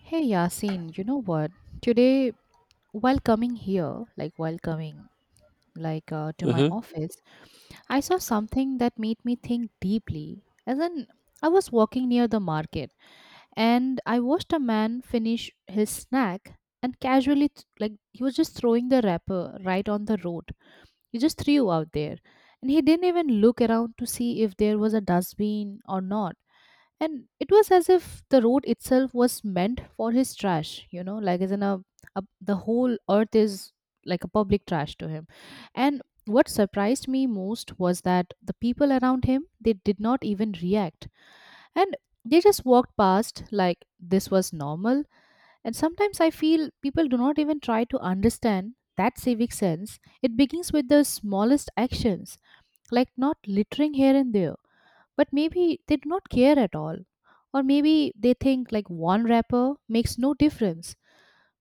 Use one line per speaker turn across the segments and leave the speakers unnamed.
Hey Yasin, you know what? Today, while coming here, like while coming like to my
Mm-hmm.
office, I saw something that made me think deeply. As in, I was walking near the market and I watched a man finish his snack and casually, like he was just throwing the wrapper right on the road. He just threw out there, and he didn't even look around to see if there was a dustbin or not. And it was as if the road itself was meant for his trash, you know, like as in a the whole earth is like a public trash to him. And what surprised me most was that the people around him, they did not even react, and they just walked past like this was normal. And sometimes I feel people do not even try to understand that civic sense, it begins with the smallest actions, like not littering here and there. But maybe they do not care at all, or maybe they think like one wrapper makes no difference.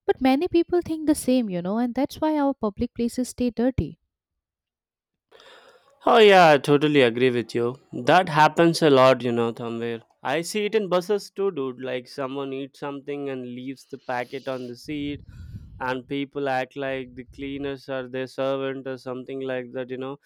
But many people think the same, you know, and that's why our public places stay dirty.
Oh yeah, I totally agree with you. That happens a lot, you know, somewhere. I see it in buses too, dude. Like someone eats something and leaves the packet on the seat, and people act like the cleaners are their servant or something like that, you know.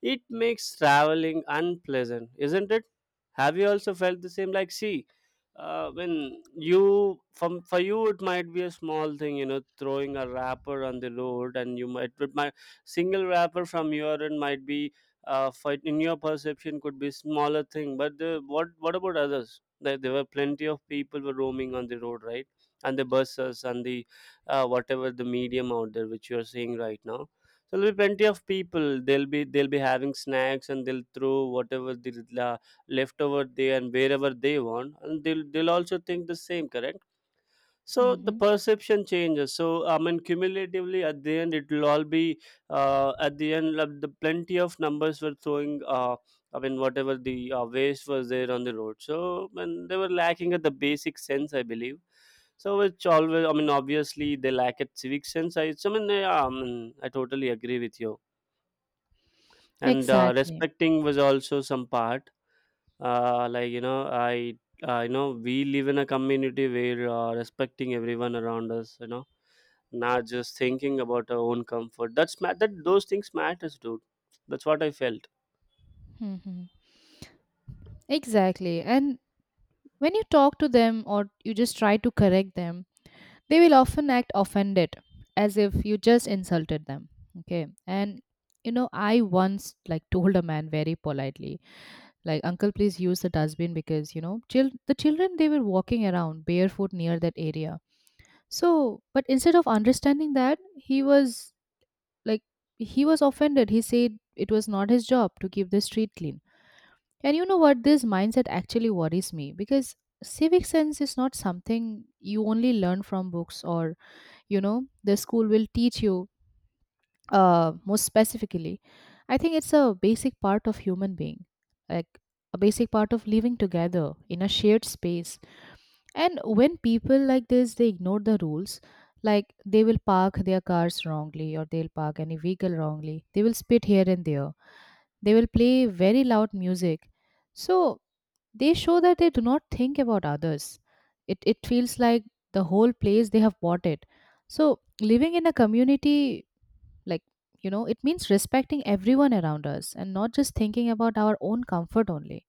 It makes traveling unpleasant, isn't it? Have you also felt the same? Like, see, when you from for you it might be a small thing, you know, throwing a wrapper on the road, and you might, but my single wrapper from your end might be fight in your perception, could be smaller thing, but the, what about others, there were plenty of people were roaming on the road, right, and the buses and the whatever the medium out there which you are seeing right now. So there'll be plenty of people, they'll be having snacks, and they'll throw whatever the left over there and wherever they want, and they'll also think the same, correct. So the
Hmm.
perception changes, so I mean cumulatively at the end it will all be at the end, like, the plenty of numbers were throwing, I mean whatever the waste was there on the road, so, and they were lacking at the basic sense, I believe. So which always I mean obviously they lack at civic sense, I mean yeah, I totally agree with you, and
Exactly.
respecting was also some part. Like, you know, I you know, we live in a community where respecting everyone around us, you know, not just thinking about our own comfort. That's that those things matters, dude. That's what I felt.
Hmm. Exactly. And when you talk to them or you just try to correct them, they will often act offended as if you just insulted them. Okay. And you know, I once like told a man very politely, like, Uncle, please use the dustbin because, you know, the children they were walking around barefoot near that area. So, but instead of understanding that, he was like, he was offended. He said it was not his job to keep the street clean. And you know what? This mindset actually worries me, because civic sense is not something you only learn from books or, you know, the school will teach you most specifically. I think it's a basic part of human being, like a basic part of living together in a shared space. And when people like this, they ignore the rules. Like they will park their cars wrongly, or they'll park any vehicle wrongly, they will spit here and there, they will play very loud music. So they show that they do not think about others. It feels like the whole place they have bought it. So, living in a community, like, you know, it means respecting everyone around us and not just thinking about our own comfort only.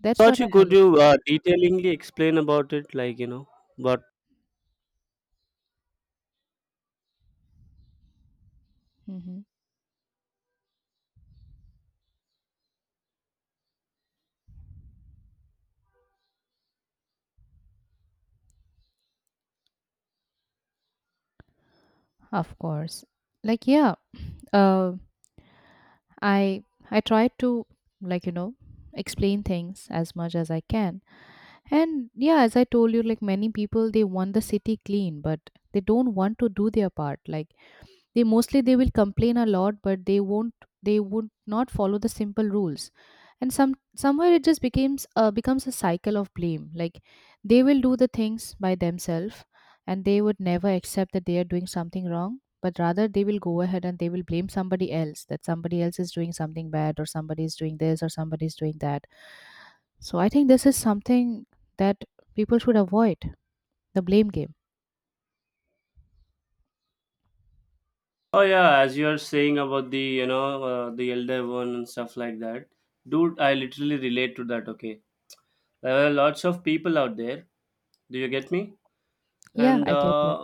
That's
Thought
what I
you could
highly
you
feel.
detailingly explain about it, like, you know, but
Hmm. Of course. Like, yeah, uh, I I try to, like, you know, explain things as much as I can. And yeah, as I told you, like many people, they want the city clean, but they don't want to do their part. Like, they mostly they will complain a lot, but they won't, they would not follow the simple rules. And somewhere it just becomes becomes a cycle of blame. Like, they will do the things by themselves, and they would never accept that they are doing something wrong. But rather, they will go ahead and they will blame somebody else, that somebody else is doing something bad, or somebody is doing this, or somebody is doing that. So I think this is something that people should avoid, the blame game.
oh yeah, as you are saying about the, you know, the elder one and stuff like that, dude, I literally relate to that, okay. There are lots of people out there. Do you get me?
Yeah,
And
I get you.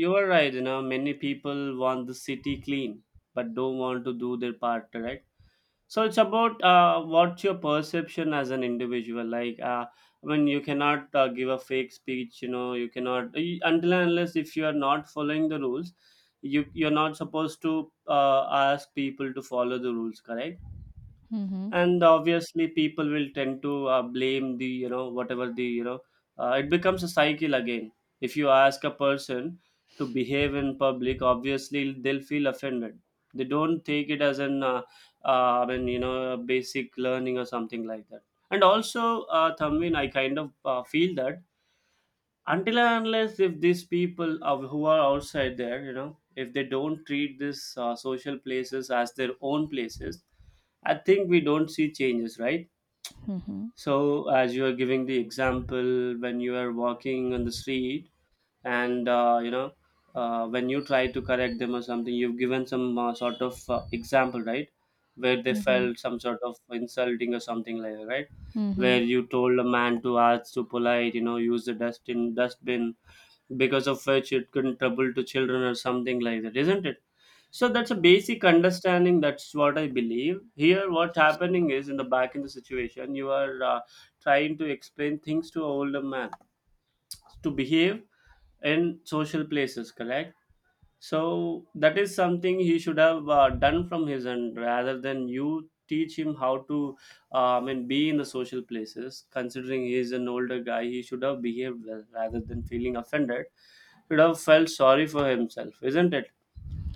you are right, you know, many people want the city clean but don't want to do their part, right? So it's about what's your perception as an individual. Like, I mean, you cannot give a fake speech, you know, you cannot, until and unless if you are not following the rules, you're not supposed to ask people to follow the rules, correct?
Mm-hmm.
And obviously people will tend to blame the, you know, whatever the, you know, it becomes a cycle again. If you ask a person to behave in public, obviously they'll feel offended. They don't take it as an I mean, you know, a basic learning or something like that. And also, Thamvin, I kind of feel that until and unless if these people of who are outside there, you know, if they don't treat these social places as their own places, I think we don't see changes, right.
Mm-hmm.
So as you are giving the example when you are walking on the street, and you know, when you try to correct them or something, you've given some sort of example, right, where they
Mm-hmm.
felt some sort of insulting or something like that, right,
Mm-hmm. Mm-hmm.
where you told a man to ask to polite, you know, use the dust in dustbin, because of which it couldn't trouble to children or something like that, isn't it. So that's a basic understanding, that's what I believe here. What happening is, in the back in the situation, you are trying to explain things to an older man to behave in social places, correct. So that is something he should have done from his end, rather than you teach him how to I mean be in the social places. Considering he is an older guy, he should have behaved well rather than feeling offended. Love felt sorry for himself, isn't it?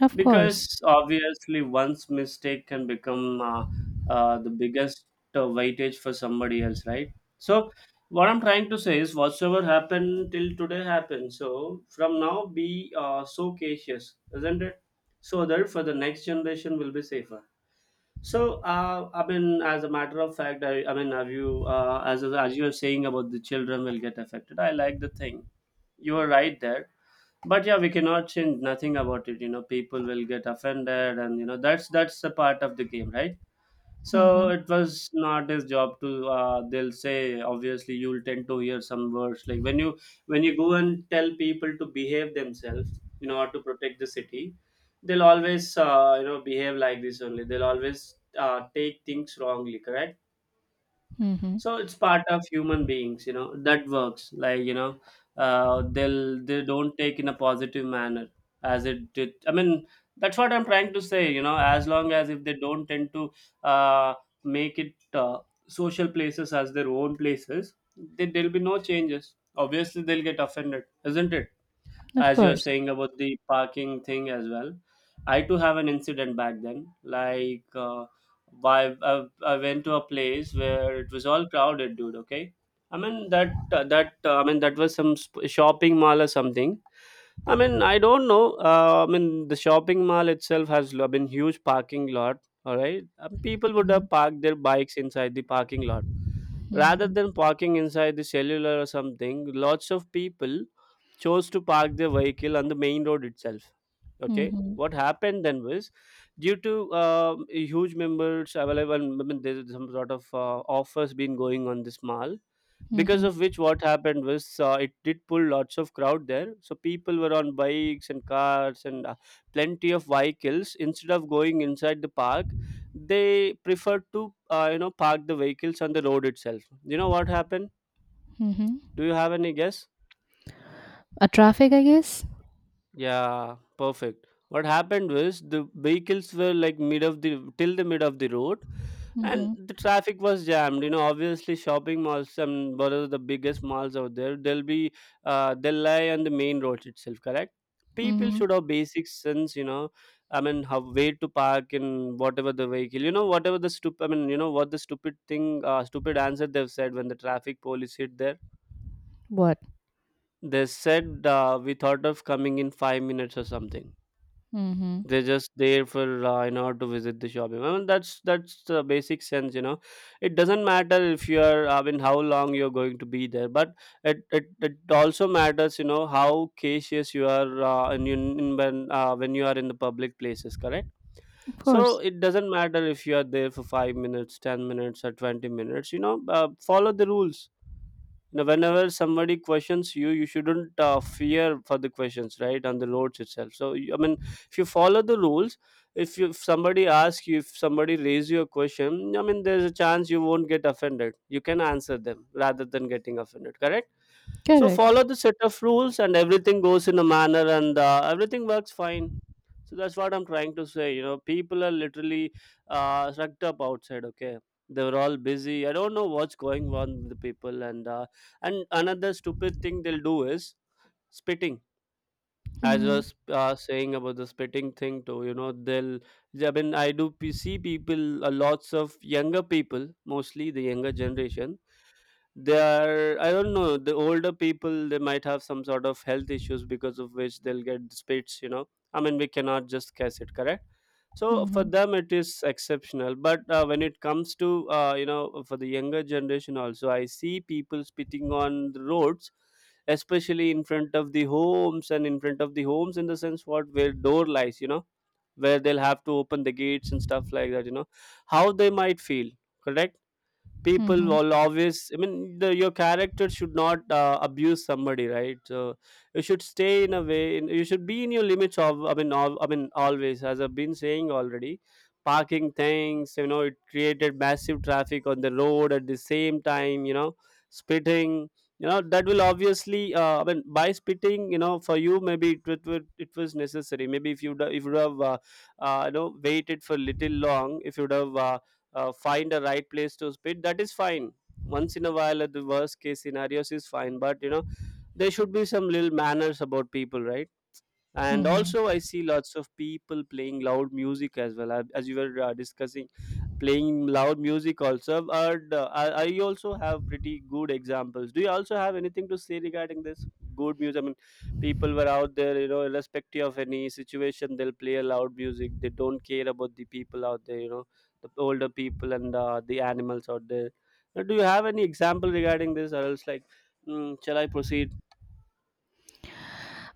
Of course.
Because obviously, one's mistake can become the biggest weightage for somebody else, right? So, what I'm trying to say is, whatsoever happened till today happened. So, from now, be so cautious, isn't it? So that for the next generation will be safer. So, I mean, as a matter of fact, have you, as you are saying about the children will get affected? I like the thing. You are right there, but yeah, we cannot change nothing about it, you know, people will get offended, and you know, that's a part of the game, right. So
Mhm.
it was not his job to, they'll say, obviously you'll tend to hear some words like when you go and tell people to behave themselves in order to protect the city, they'll always you know behave like this only, they'll always take things wrongly, correct.
Mhm.
So it's part of human beings, you know, that works like, you know, they'll, they don't take in a positive manner, as it did, I mean, that's what I'm trying to say, you know, as long as if they don't tend to uh, make it social places as their own places, there'll be no changes, obviously they'll get offended, isn't it.
Of
As you're
course.
saying about the parking thing as well, I too have an incident back then, like, I went to a place where it was all crowded, dude, okay. I mean that was some shopping mall or something. I mean, I don't know. I mean, the shopping mall itself has been huge parking lot. All right, people would
Mhm.
have parked their bikes inside the parking lot rather
Mhm.
than parking inside the cellular or something. Lots of people chose to park their vehicle on the main road itself. Okay,
Mhm.
what happened then was due to huge members available. I mean, there's some sort of offers been going on this mall, because
Mhm.
of which what happened was, it did pull lots of crowd there, so people were on bikes and cars and plenty of vehicles. Instead of going inside the park, they preferred to you know, park the vehicles on the road itself. You know what happened?
Mhm.
Do you have any guess?
A traffic, I guess.
Yeah, perfect. What happened was the vehicles were like mid of the till the mid of the road, and
Mm-hmm.
the traffic was jammed. You know, obviously shopping malls and what are the biggest malls out there? They'll be, they'll lie on the main road itself. Correct. People
Mm-hmm.
should have basic sense. You know, I mean, how way to park and whatever the vehicle. You know, whatever the stupid. I mean, you know what the stupid thing, stupid answer they've said when the traffic police hit there.
What?
They said we thought of coming in 5 minutes or something.
Mm-hmm.
They're just there for, in order to visit the shopping. I mean that's the basic sense, you know. It doesn't matter if you are, I mean, how long you're going to be there, but it also matters, you know, how cautious you are in, when you are in the public places, correct.
Of
So
course.
it doesn't matter if you are there for 5 minutes 10 minutes or 20 minutes, you know, follow the rules. Now, whenever somebody questions you, you shouldn't fear for the questions, right? On the roads itself. So, I mean, if you follow the rules, if you, if somebody asks you, if somebody raise you a question, I mean, there's a chance you won't get offended. You can answer them rather than getting offended. Correct? So,
Correct.
follow the set of rules, and everything goes in a manner, and everything works fine. So that's what I'm trying to say. You know, people are literally sucked up outside. Okay, they were all busy. I don't know what's going on with the people, and another stupid thing they'll do is spitting. I
Mm-hmm.
was saying about the spitting thing too. You know, they'll. I mean, I do see people, lots of younger people, mostly the younger generation. They are, I don't know, the older people, they might have some sort of health issues, because of which they'll get the spits, you know. I mean, we cannot just guess it, correct? So for
Mm-hmm.
them it is exceptional, but when it comes to, you know, for the younger generation also, I see people spitting on the roads, especially in front of the homes. And in front of the homes, in the sense, what where door lies, you know, where they'll have to open the gates and stuff like that, you know, how they might feel, correct? People
Mm-hmm.
will always, I mean, your character should not abuse somebody, right? So you should stay in a way, you should be in your limits of, I mean, I mean, always, as I've been saying already. Parking things, you know, it created massive traffic on the road. At the same time, you know, spitting, you know, that will obviously, I mean, by spitting, you know, for you maybe it was necessary. Maybe if you, if you would have, you know, waited for little long, if you would have, find a right place to spit, that is fine. Once in a while, the worst case scenarios is fine, but you know, there should be some little manners about people, right? And
Mm-hmm.
also I see lots of people playing loud music as well, as you were discussing, playing loud music also. And I also have pretty good examples. Do you also have anything to say regarding this? Good music, I mean, people were out there, you know, irrespective of any situation, they'll play a loud music, they don't care about the people out there, you know, the older people and the animals out there. Do you have any example regarding this or else like, mm, shall I proceed?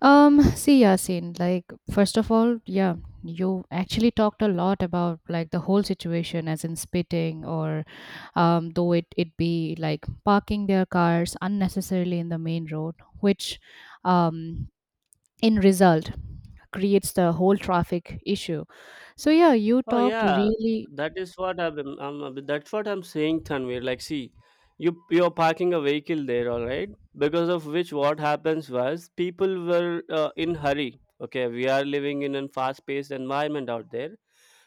See, Yasin, like, first of all, yeah, you actually talked a lot about like the whole situation, as in spitting, or though it be like parking their cars unnecessarily in the main road, which um, in result creates the whole traffic issue. So, yeah, you
Oh
talked
yeah,
really.
that is what that's what I'm saying, Tanvir. Like, see, you're parking a vehicle there, all right? Because of which, what happens was people were in hurry. Okay, we are living in a fast-paced environment out there,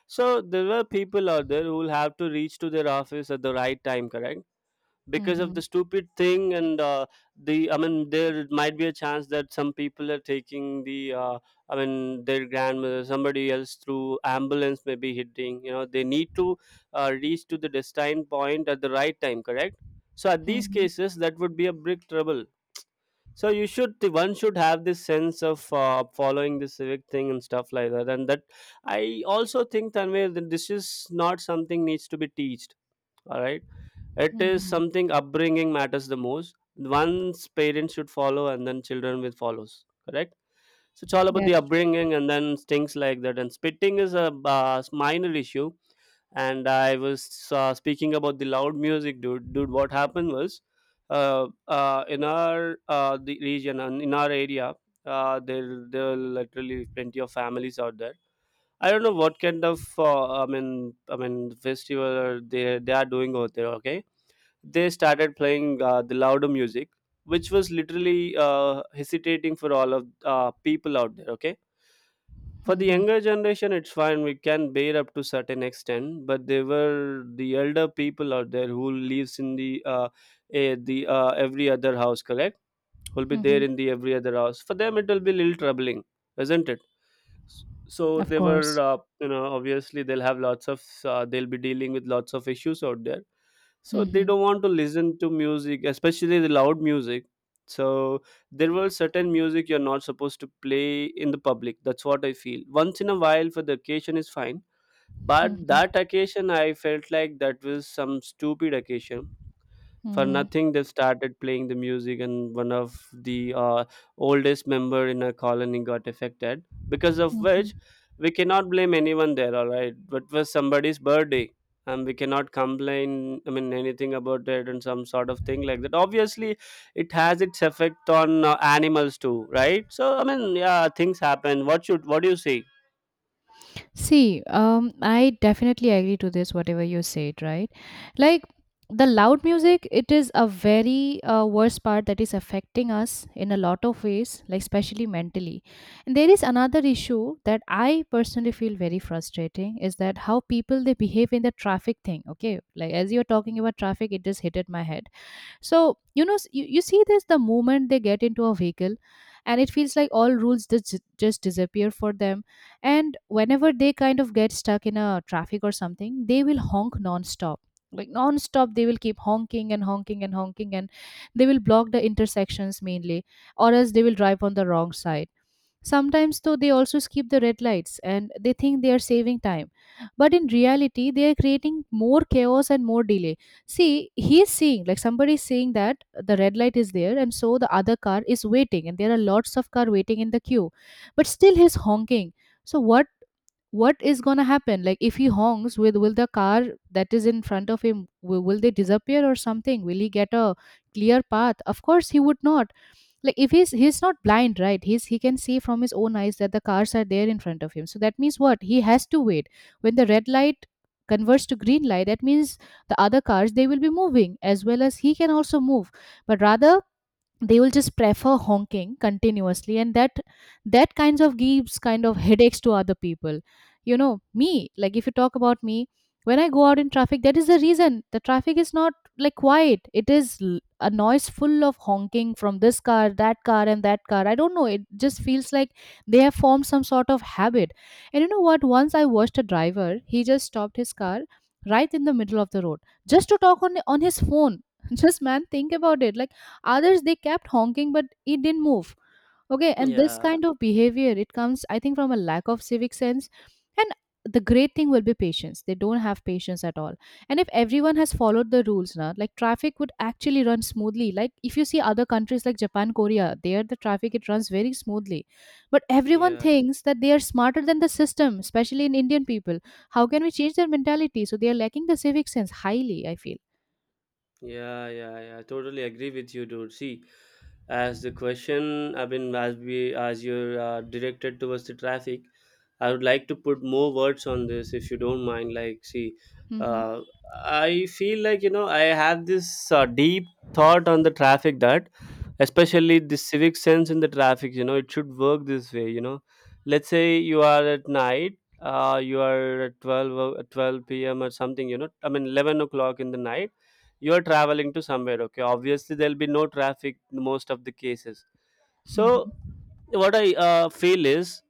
so there were people out there who will have to reach to their office at the right time, correct? Because of the
Mm-hmm,
stupid thing and, the I mean, there might be a chance that some people are taking the, I mean, their grandmother, somebody else through ambulance, may be hitting, you know, they need to reach to the destined point at the right time, correct? So at these
mm-hmm,
cases that would be a big trouble. So you should, the one should have this sense of following the civic thing and stuff like that. And that, I also think, Tanvir, that this is not something needs to be teached, all right? It is
mm-hmm.
something upbringing matters the most. One's parents should follow and then children will follows, correct? So it's all about the
That's true.
upbringing and then things like that. And spitting is a minor issue. And I was speaking about the loud music, dude. What happened was, in our, the region and in our area, there are literally plenty of families out there. I don't know what kind of, I mean, i mean festival they are doing out there. Okay, they started playing the louder music, which was literally hesitating for all of people out there. Okay, for the
Mm-hmm,
younger generation it's fine, we can bear up to certain extent, but they were the elder people out there who lives in the, every other house, correct? Who'll be
mm-hmm.
there in the every other house. For them it will be little troubling, isn't it? So
Of
they were,
course.
you know, obviously they'll have lots of, they'll be dealing with lots of issues out there. So they
Mm-hmm,
don't want to listen to music, especially the loud music. So there were certain music you're not supposed to play in the public, that's what I feel. Once in a while for the occasion is fine, but
mm-hmm,
that occasion I felt like that was some stupid occasion. For
mm-hmm,
nothing they started playing the music, and one of the oldest member in a colony got affected, because of
mm-hmm.
which, we cannot blame anyone there, all right? But it was somebody's birthday and we cannot complain, I mean, anything about it. And some sort of thing like that, obviously it has its effect on animals too, right? So I mean, yeah, things happen, what should, what do you say?
See, I definitely agree to this, whatever you said, right? Like, the loud music, it is a very worst part that is affecting us in a lot of ways, like especially mentally. And there is another issue that I personally feel very frustrating, is that how people they behave in the traffic thing. Okay, like as you're talking about traffic, it just hit at my head. So you know, you see this, the moment they get into a vehicle and it feels like all rules just disappear for them. And whenever they kind of get stuck in a traffic or something, they will honk nonstop, like nonstop. They will keep honking and honking and honking, and they will block the intersections mainly, or else they will drive on the wrong side. Sometimes, though, they also skip the red lights and they think they are saving time. But in reality, they are creating more chaos and more delay. See, he's seeing, like somebody is saying that the red light is there, and so the other car is waiting, and there are lots of car waiting in the queue. But still, he's honking. So, what is gonna happen? Like, if he honks, will the car that is in front of him, will they disappear or something? Will he get a clear path? Of course, he would not. Like, if he's not blind, right? he's he can see from his own eyes that the cars are there in front of him, so that means what, he has to wait. When the red light converts to green light, that means the other cars they will be moving, as well as he can also move. But rather, they will just prefer honking continuously, and that kinds of gives kind of headaches to other people. You know me, like if you talk about me, when I go out in traffic, that is the reason the traffic is not like quiet, it is a noise full of honking from this car, that car, and that car. I don't know, it just feels like they have formed some sort of habit. And you know what, once I watched a driver, he just stopped his car right in the middle of the road just to talk on his phone just, man, think about it. Like, others, they kept honking, but it didn't move. Okay, and this
Yeah,
kind of behavior, it comes, I think, from a lack of civic sense. And the great thing will be patience. They don't have patience at all. And if everyone has followed the rules, now like traffic would actually run smoothly. Like, if you see other countries like Japan, Korea, there the traffic it runs very smoothly. But everyone
yeah.
thinks that they are smarter than the system, especially in Indian people. How can we change their mentality? So they are lacking the civic sense highly, I feel.
Yeah, yeah, yeah, I totally agree with you, dude. See, as the question, I mean, as you're directed towards the traffic, I would like to put more words on this, if you don't mind. Like, see,
Mhm.
uh, I feel like, you know, I have this deep thought on the traffic, that, especially the civic sense in the traffic. You know, it should work this way. You know, let's say you are at night. You are at 12 p.m. or something, you know, I mean 11 o'clock in the night, you are traveling to somewhere. Okay, obviously there'll be no traffic in most of the cases. So
Mhm.
what I feel is,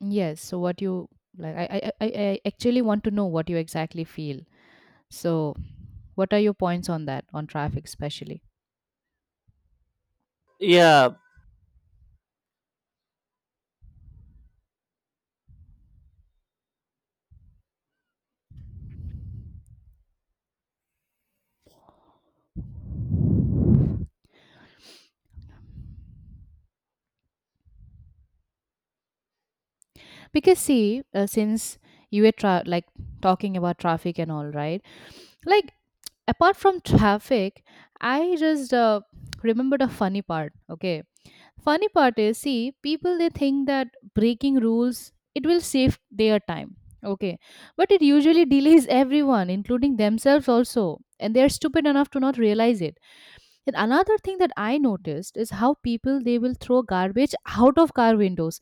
Yes. So what you like? I actually want to know what you exactly feel. So what are your points on that, on traffic especially?
yeah,
Because see, since you were like talking about traffic and all, right? Like, apart from traffic, I just remembered a funny part. Okay, funny part is, see, people they think that breaking rules it will save their time. Okay, but it usually delays everyone, including themselves also, and they are stupid enough to not realize it. And another thing that I noticed is how people they will throw garbage out of car windows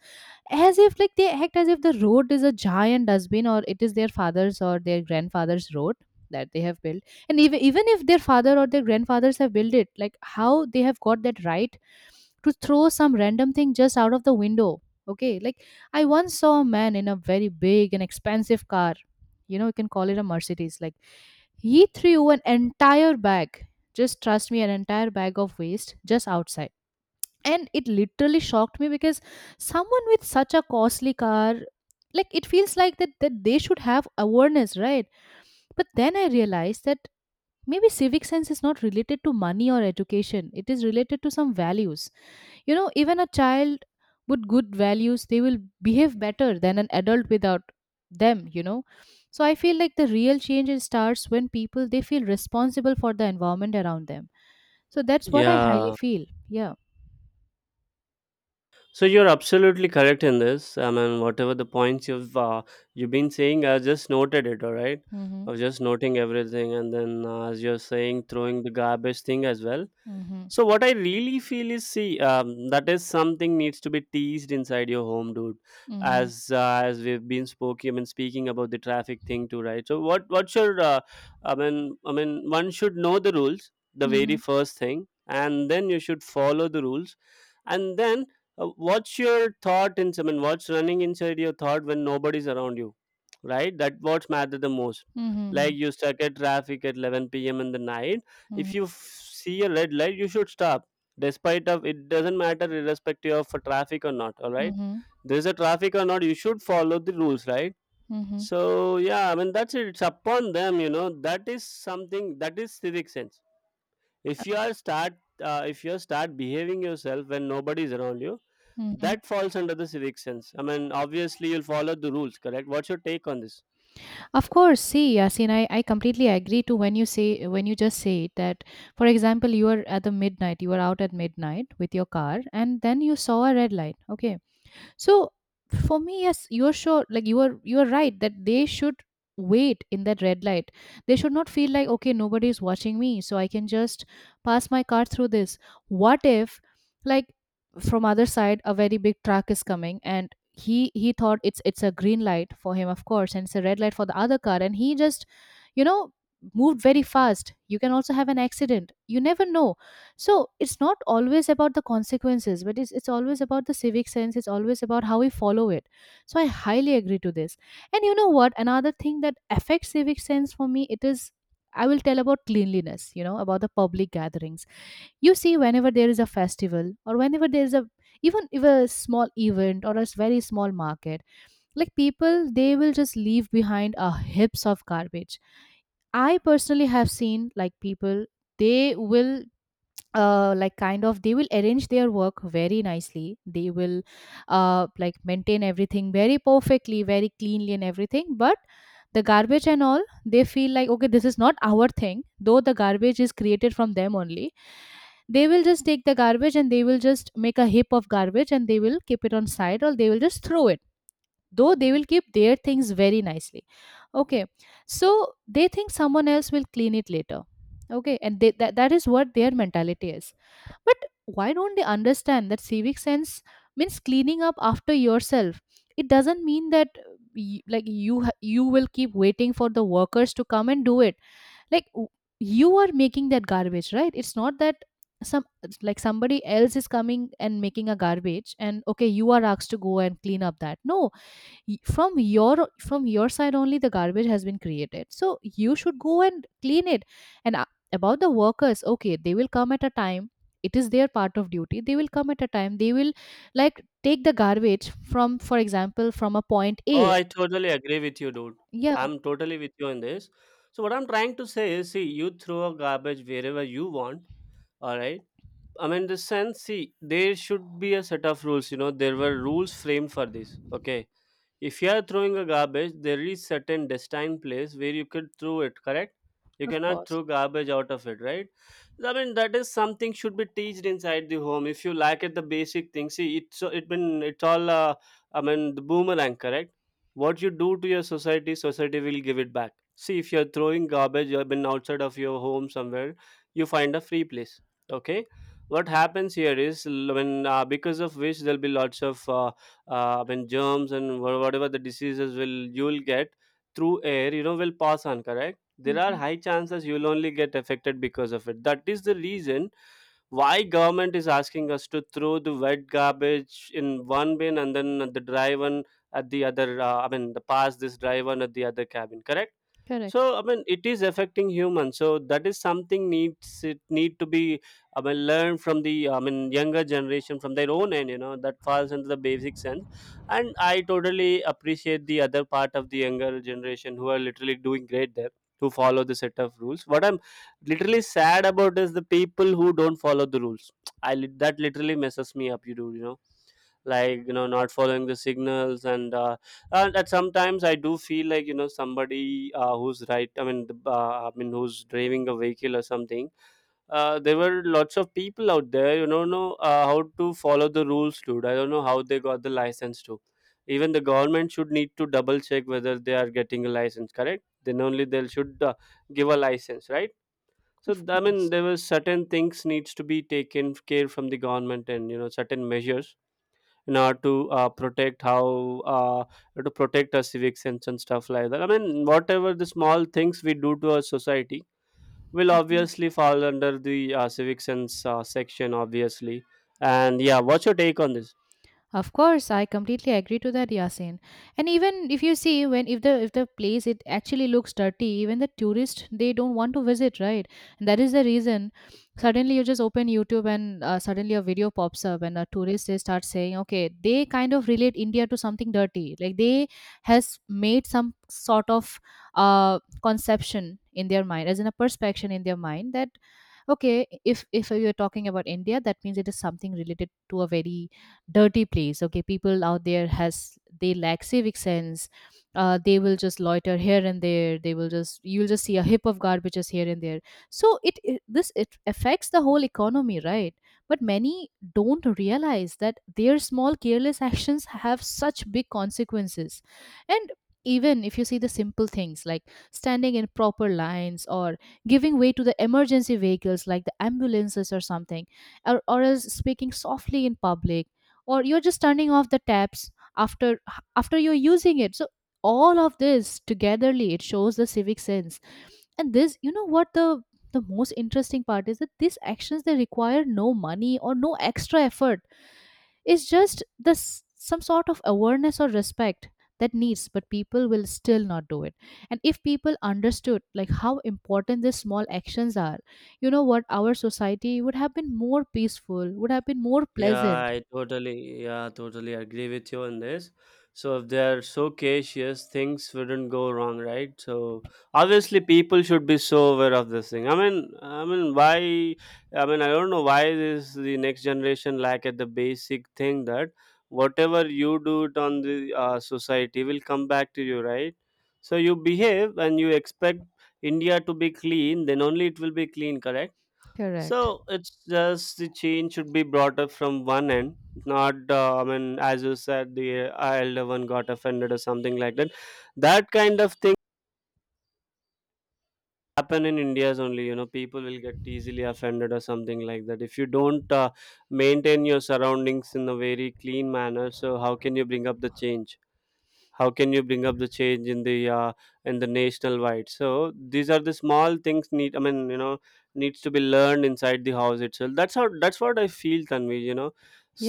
as if, like, they act as if the road is a giant dustbin, or it is their father's or their grandfather's road that they have built. And even if their father or their grandfathers have built it, like how they have got that right to throw some random thing just out of the window. Okay, like, I once saw a man in a very big and expensive car. You know, you can call it a Mercedes. Like, he threw an entire bag, just trust me, an entire bag of waste just outside. And it literally shocked me, because someone with such a costly car, like it feels like that they should have awareness, right? But then I realized that maybe civic sense is not related to money or education, it is related to some values. You know, even a child with good values, they will behave better than an adult without them, you know. So I feel like the real change, it starts when people they feel responsible for the environment around them. So that's what I highly
yeah.
feel. Yeah.
So you're absolutely correct in this. I mean, whatever the points you've been saying, I just noted it, all right?
Mm-hmm.
I was just noting everything, and then as you're saying, throwing the garbage thing as well.
Mm-hmm.
So what I really feel is, see, that is something needs to be teased inside your home, dude.
Mm-hmm.
As we've been spoken, I mean, speaking about the traffic thing too, right? So what's your, I mean, one should know the rules, the very
Mm-hmm.
first thing, and then you should follow the rules. And then, what's your thought in, I mean, what's running inside your thought when nobody's around you, right? That what's matter the most.
Mm-hmm.
Like you stuck at traffic at 11 p.m. in the night, if
Mm-hmm.
you see a red light you should stop, despite of it doesn't matter, irrespective of a traffic or not, all right?
Mm-hmm.
There's a traffic or not, you should follow the rules, right?
Mm-hmm.
So yeah, I mean, that's it, it's upon them, you know, that is something, that is civic sense. if you are start if you start behaving yourself when nobody is around you,
Mm-hmm.
that falls under the civic sense. I mean obviously you'll follow the rules, correct? What's your take on this?
Of course, see, Yasin, I completely agree to when you say, when you just say it, that, for example, you are at the midnight, you are out at midnight with your car, and then you saw a red light. Okay, so for me, yes, you're sure, like you are right that they should wait in that red light. They should not feel like okay, nobody is watching me, so I can just pass my car through this. What if, like, from other side a very big truck is coming and he thought it's a green light for him, of course, and it's a red light for the other car, and he just, you know moved very fast. You can also have an accident, you never know. So it's not always about the consequences, but it's always about the civic sense. It's always about how we follow it. So I highly agree to this. And you know what, another thing that affects civic sense for me, it is, I will tell about cleanliness, you know, about the public gatherings. You see whenever there is a festival, or whenever there is a, even if a small event or a very small market, like, people, they will just leave behind a heaps of garbage. I personally have seen, like, people, they will, like, kind of, they will arrange their work very nicely. They will, like, maintain everything very perfectly, very cleanly and everything. But the garbage and all, they feel like okay, this is not our thing, though the garbage is created from them only. They will just take the garbage and they will just make a heap of garbage and they will keep it on side, or they will just throw it, though they will keep their things very nicely. Okay. So they think someone else will clean it later. Okay. And that is what their mentality is. But why don't they understand that civic sense means cleaning up after yourself? It doesn't mean that, like, you will keep waiting for the workers to come and do it. Like w- you are making that garbage, right? It's not that some, like, somebody else is coming and making a garbage and okay, you are asked to go and clean up that. No, from your from your side only the garbage has been created, so you should go and clean it. And About the workers, okay, they will come at a time. It is their part of duty. They will come at a time, they will, like, take the garbage from, for example, from a point A.
Oh, I totally agree with you, dude.
Yeah.
I'm totally with you on this. So what I'm trying to say is, see, you throw a garbage wherever you want. All right. I mean, the sense, see, there should be a set of rules. You know, there were rules framed for this. Okay, if you are throwing a garbage, there is certain destined place where you could throw it, correct? You
Of
cannot
course.
throw garbage out of it, right? I mean, that is something should be teached inside the home. If you lack at the basic things, see, it's so, it been it's all, I mean, the boomerang, correct? What you do to your society, society will give it back. See, if you're throwing garbage, you've been outside of your home somewhere, you find a free place. Okay, what happens here is, l- when because of which there'll be lots of, when germs and, whatever the diseases will, you'll get through air, you know, will pass on, correct? There are
Mhm.
high chances you'll only get affected because of it. That is the reason why government is asking us to throw the wet garbage in one bin and then the dry one at the other, I mean, the pass this dry one at the other cabin, correct?
Correct.
So I mean, it is affecting humans. So that is something needs, it need to be, I mean, learned from the, I mean, younger generation from their own end, you know. That falls into the basic sense. And I totally appreciate the other part of the younger generation who are literally doing great there, who follow the set of rules. What I'm literally sad about is the people who don't follow the rules. That literally messes me up. You know, like you know, not following the signals, and at sometimes I do feel like, you know, somebody, who's right. I mean, I mean, who's driving a vehicle or something. There were lots of people out there, you know, how to follow the rules, dude. I don't know how they got the license to. Even the government should need to double check whether they are getting a license, correct? Then only they should give a license, right?
Of
I mean,
course.
there were certain things needs to be taken care from the government, and you know, certain measures in order to, protect how uh, to protect our civic sense and stuff like that. I mean, whatever the small things we do to our society will obviously fall under the civic sense section, obviously. And yeah, what's your take on this?
Of course, I completely agree to that, Yasin. And even if you see, when, if the place it actually looks dirty, even the tourists they don't want to visit, right? And that is the reason. Suddenly, you just open YouTube and suddenly a video pops up, and a tourist they start saying, okay, they kind of relate India to something dirty, like, they has made some sort of conception in their mind, as in a perception in their mind that okay, if you're talking about India, that means it is something related to a very dirty place. Okay, people out there has, they lack civic sense. They will just loiter here and there. They will just, you'll just see a heap of garbages here and there. So it affects the whole economy, right? But many don't realize that their small careless actions have such big consequences. And even if you see the simple things like standing in proper lines, or giving way to the emergency vehicles like the ambulances or something, or as speaking softly in public, or you're just turning off the taps after, after you're using it. So all of this togetherly, it shows the civic sense. And this, you know what, the most interesting part is that these actions they require no money or no extra effort. It's just this, some sort of awareness or respect that needs, but people will still not do it. And if people understood like how important these small actions are, you know what, our society would have been more peaceful, would have been more
Yeah,
pleasant.
yeah, totally agree with you on this. So if they're so cautious, things wouldn't go wrong, right? So obviously, people should be so aware of this thing. I mean, why? I mean, I don't know why this the next generation lack at the basic thing that whatever you do it on the society will come back to you, right? So you behave and you expect India to be clean, then only it will be clean, correct?
Correct.
So it's just the change should be brought up from one end, not I mean, as you said, the elder one got offended or something like that. That kind of thing happen in India's only. You know, people will get easily offended or something like that. If you don't maintain your surroundings in a very clean manner, so how can you bring up the change? How can you bring up the change in the national wide? So these are the small things need, I mean, needs to be learned inside the house itself. That's how that's what I feel, Tanvi. You know,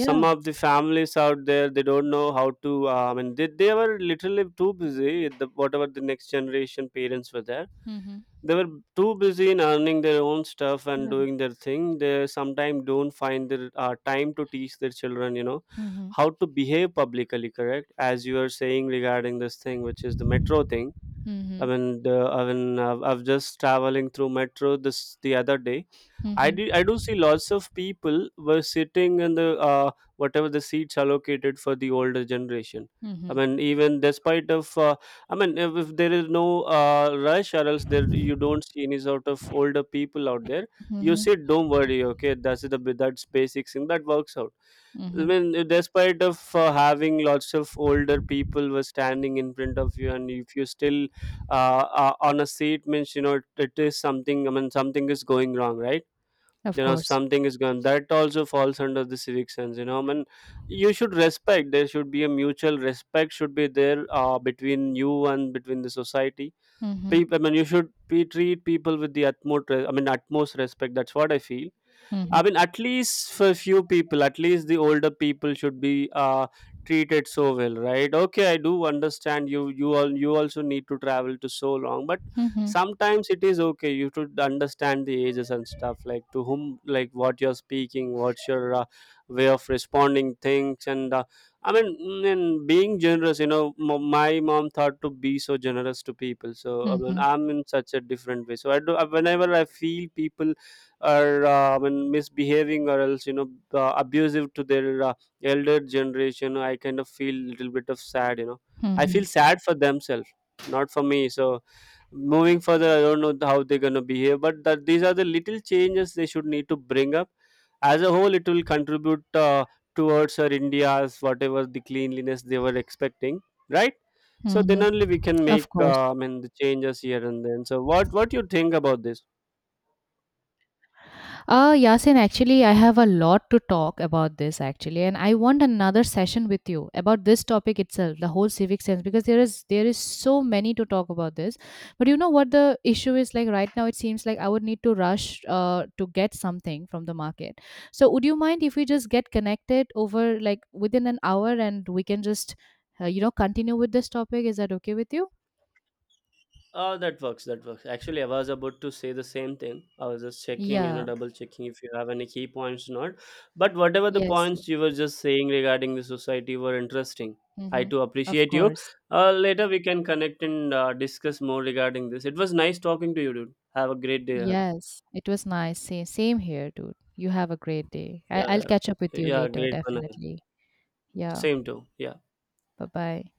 some of the families out there, they don't know how to I mean, they were literally too busy. Whatever the next generation parents were there,
Mhm.
they were too busy in earning their own stuff and
Talaga.
doing their thing. They sometimes don't find their time to teach their children, you know,
Mhm.
how to behave publicly, correct? As you are saying regarding this thing, which is the metro thing. I
Mhm.
mean, I mean, I've just traveling through metro this the other day. I did. I
Mhm.
do see lots of people were sitting in the whatever the seats allocated for the older generation. I
Mhm.
mean, even despite of, I mean, if there is no rush or else, there you don't see any sort of older people out there. You
Mhm.
sit, don't worry, okay. That's basic thing that works out. I
Mhm.
mean, despite of having lots of older people were standing in front of you, and if you still on a seat, means, you know, it is something. I mean, something is going wrong, right?
Of
You know,
course.
something is going. That also falls under the civic sense. You know, I mean, you should respect. There should be a mutual respect should be there between you and between the society.
Mhm.
People, I mean, you should be, treat people with the utmost. I mean, utmost respect. That's what I feel.
Mhm.
I mean, at least for few people, at least the older people should be treated so well, right? Okay, I do understand you. You also need to travel to so long, but
Mhm.
sometimes it is okay. You should understand the ages and stuff, like to whom, like what you're speaking, what's your way of responding things, and I mean, and being generous. You know, my mom thought to be so generous to people, so I mean,
Mhm.
I'm in such a different way. So I do. Whenever I feel people are when misbehaving or else, you know, abusive to their elder generation, I kind of feel a little bit of sad, you know. I
Mhm.
feel sad for themselves, not for me. So, moving further, I don't know how they're going to behave, but that these are the little changes they should need to bring up. As a whole, it will contribute towards our India's whatever the cleanliness they were expecting, right? So then
Mhm.
only we can make
Of course.
I mean, the changes here and then. So what you think about this?
Yasin, actually, I have a lot to talk about this actually, and I want another session with you about this topic itself, the whole civic sense, because there is so many to talk about this. But you know what the issue is like right now? It seems like I would need to rush to get something from the market. So would you mind if we just get connected over, like, within an hour, and we can just, you know, continue with this topic? Is that okay with you?
Oh, that works. That works. Actually, I was about to say the same thing. I was just checking, you know,
Yeah.
double checking if you have any key points or not. But whatever the
Yes.
points you were just saying regarding the society were interesting. I
Mm-hmm.
too
Of
appreciate you.
course.
Later we can connect and discuss more regarding this. It was nice talking to you, dude. Have a great day ahead.
Yes, it was nice. Same, same here, dude. You have a great day. I,
Yeah,
I'll catch up with
yeah,
you
yeah,
later,
great one ahead.
definitely. Yeah,
Same too. Yeah.
bye bye.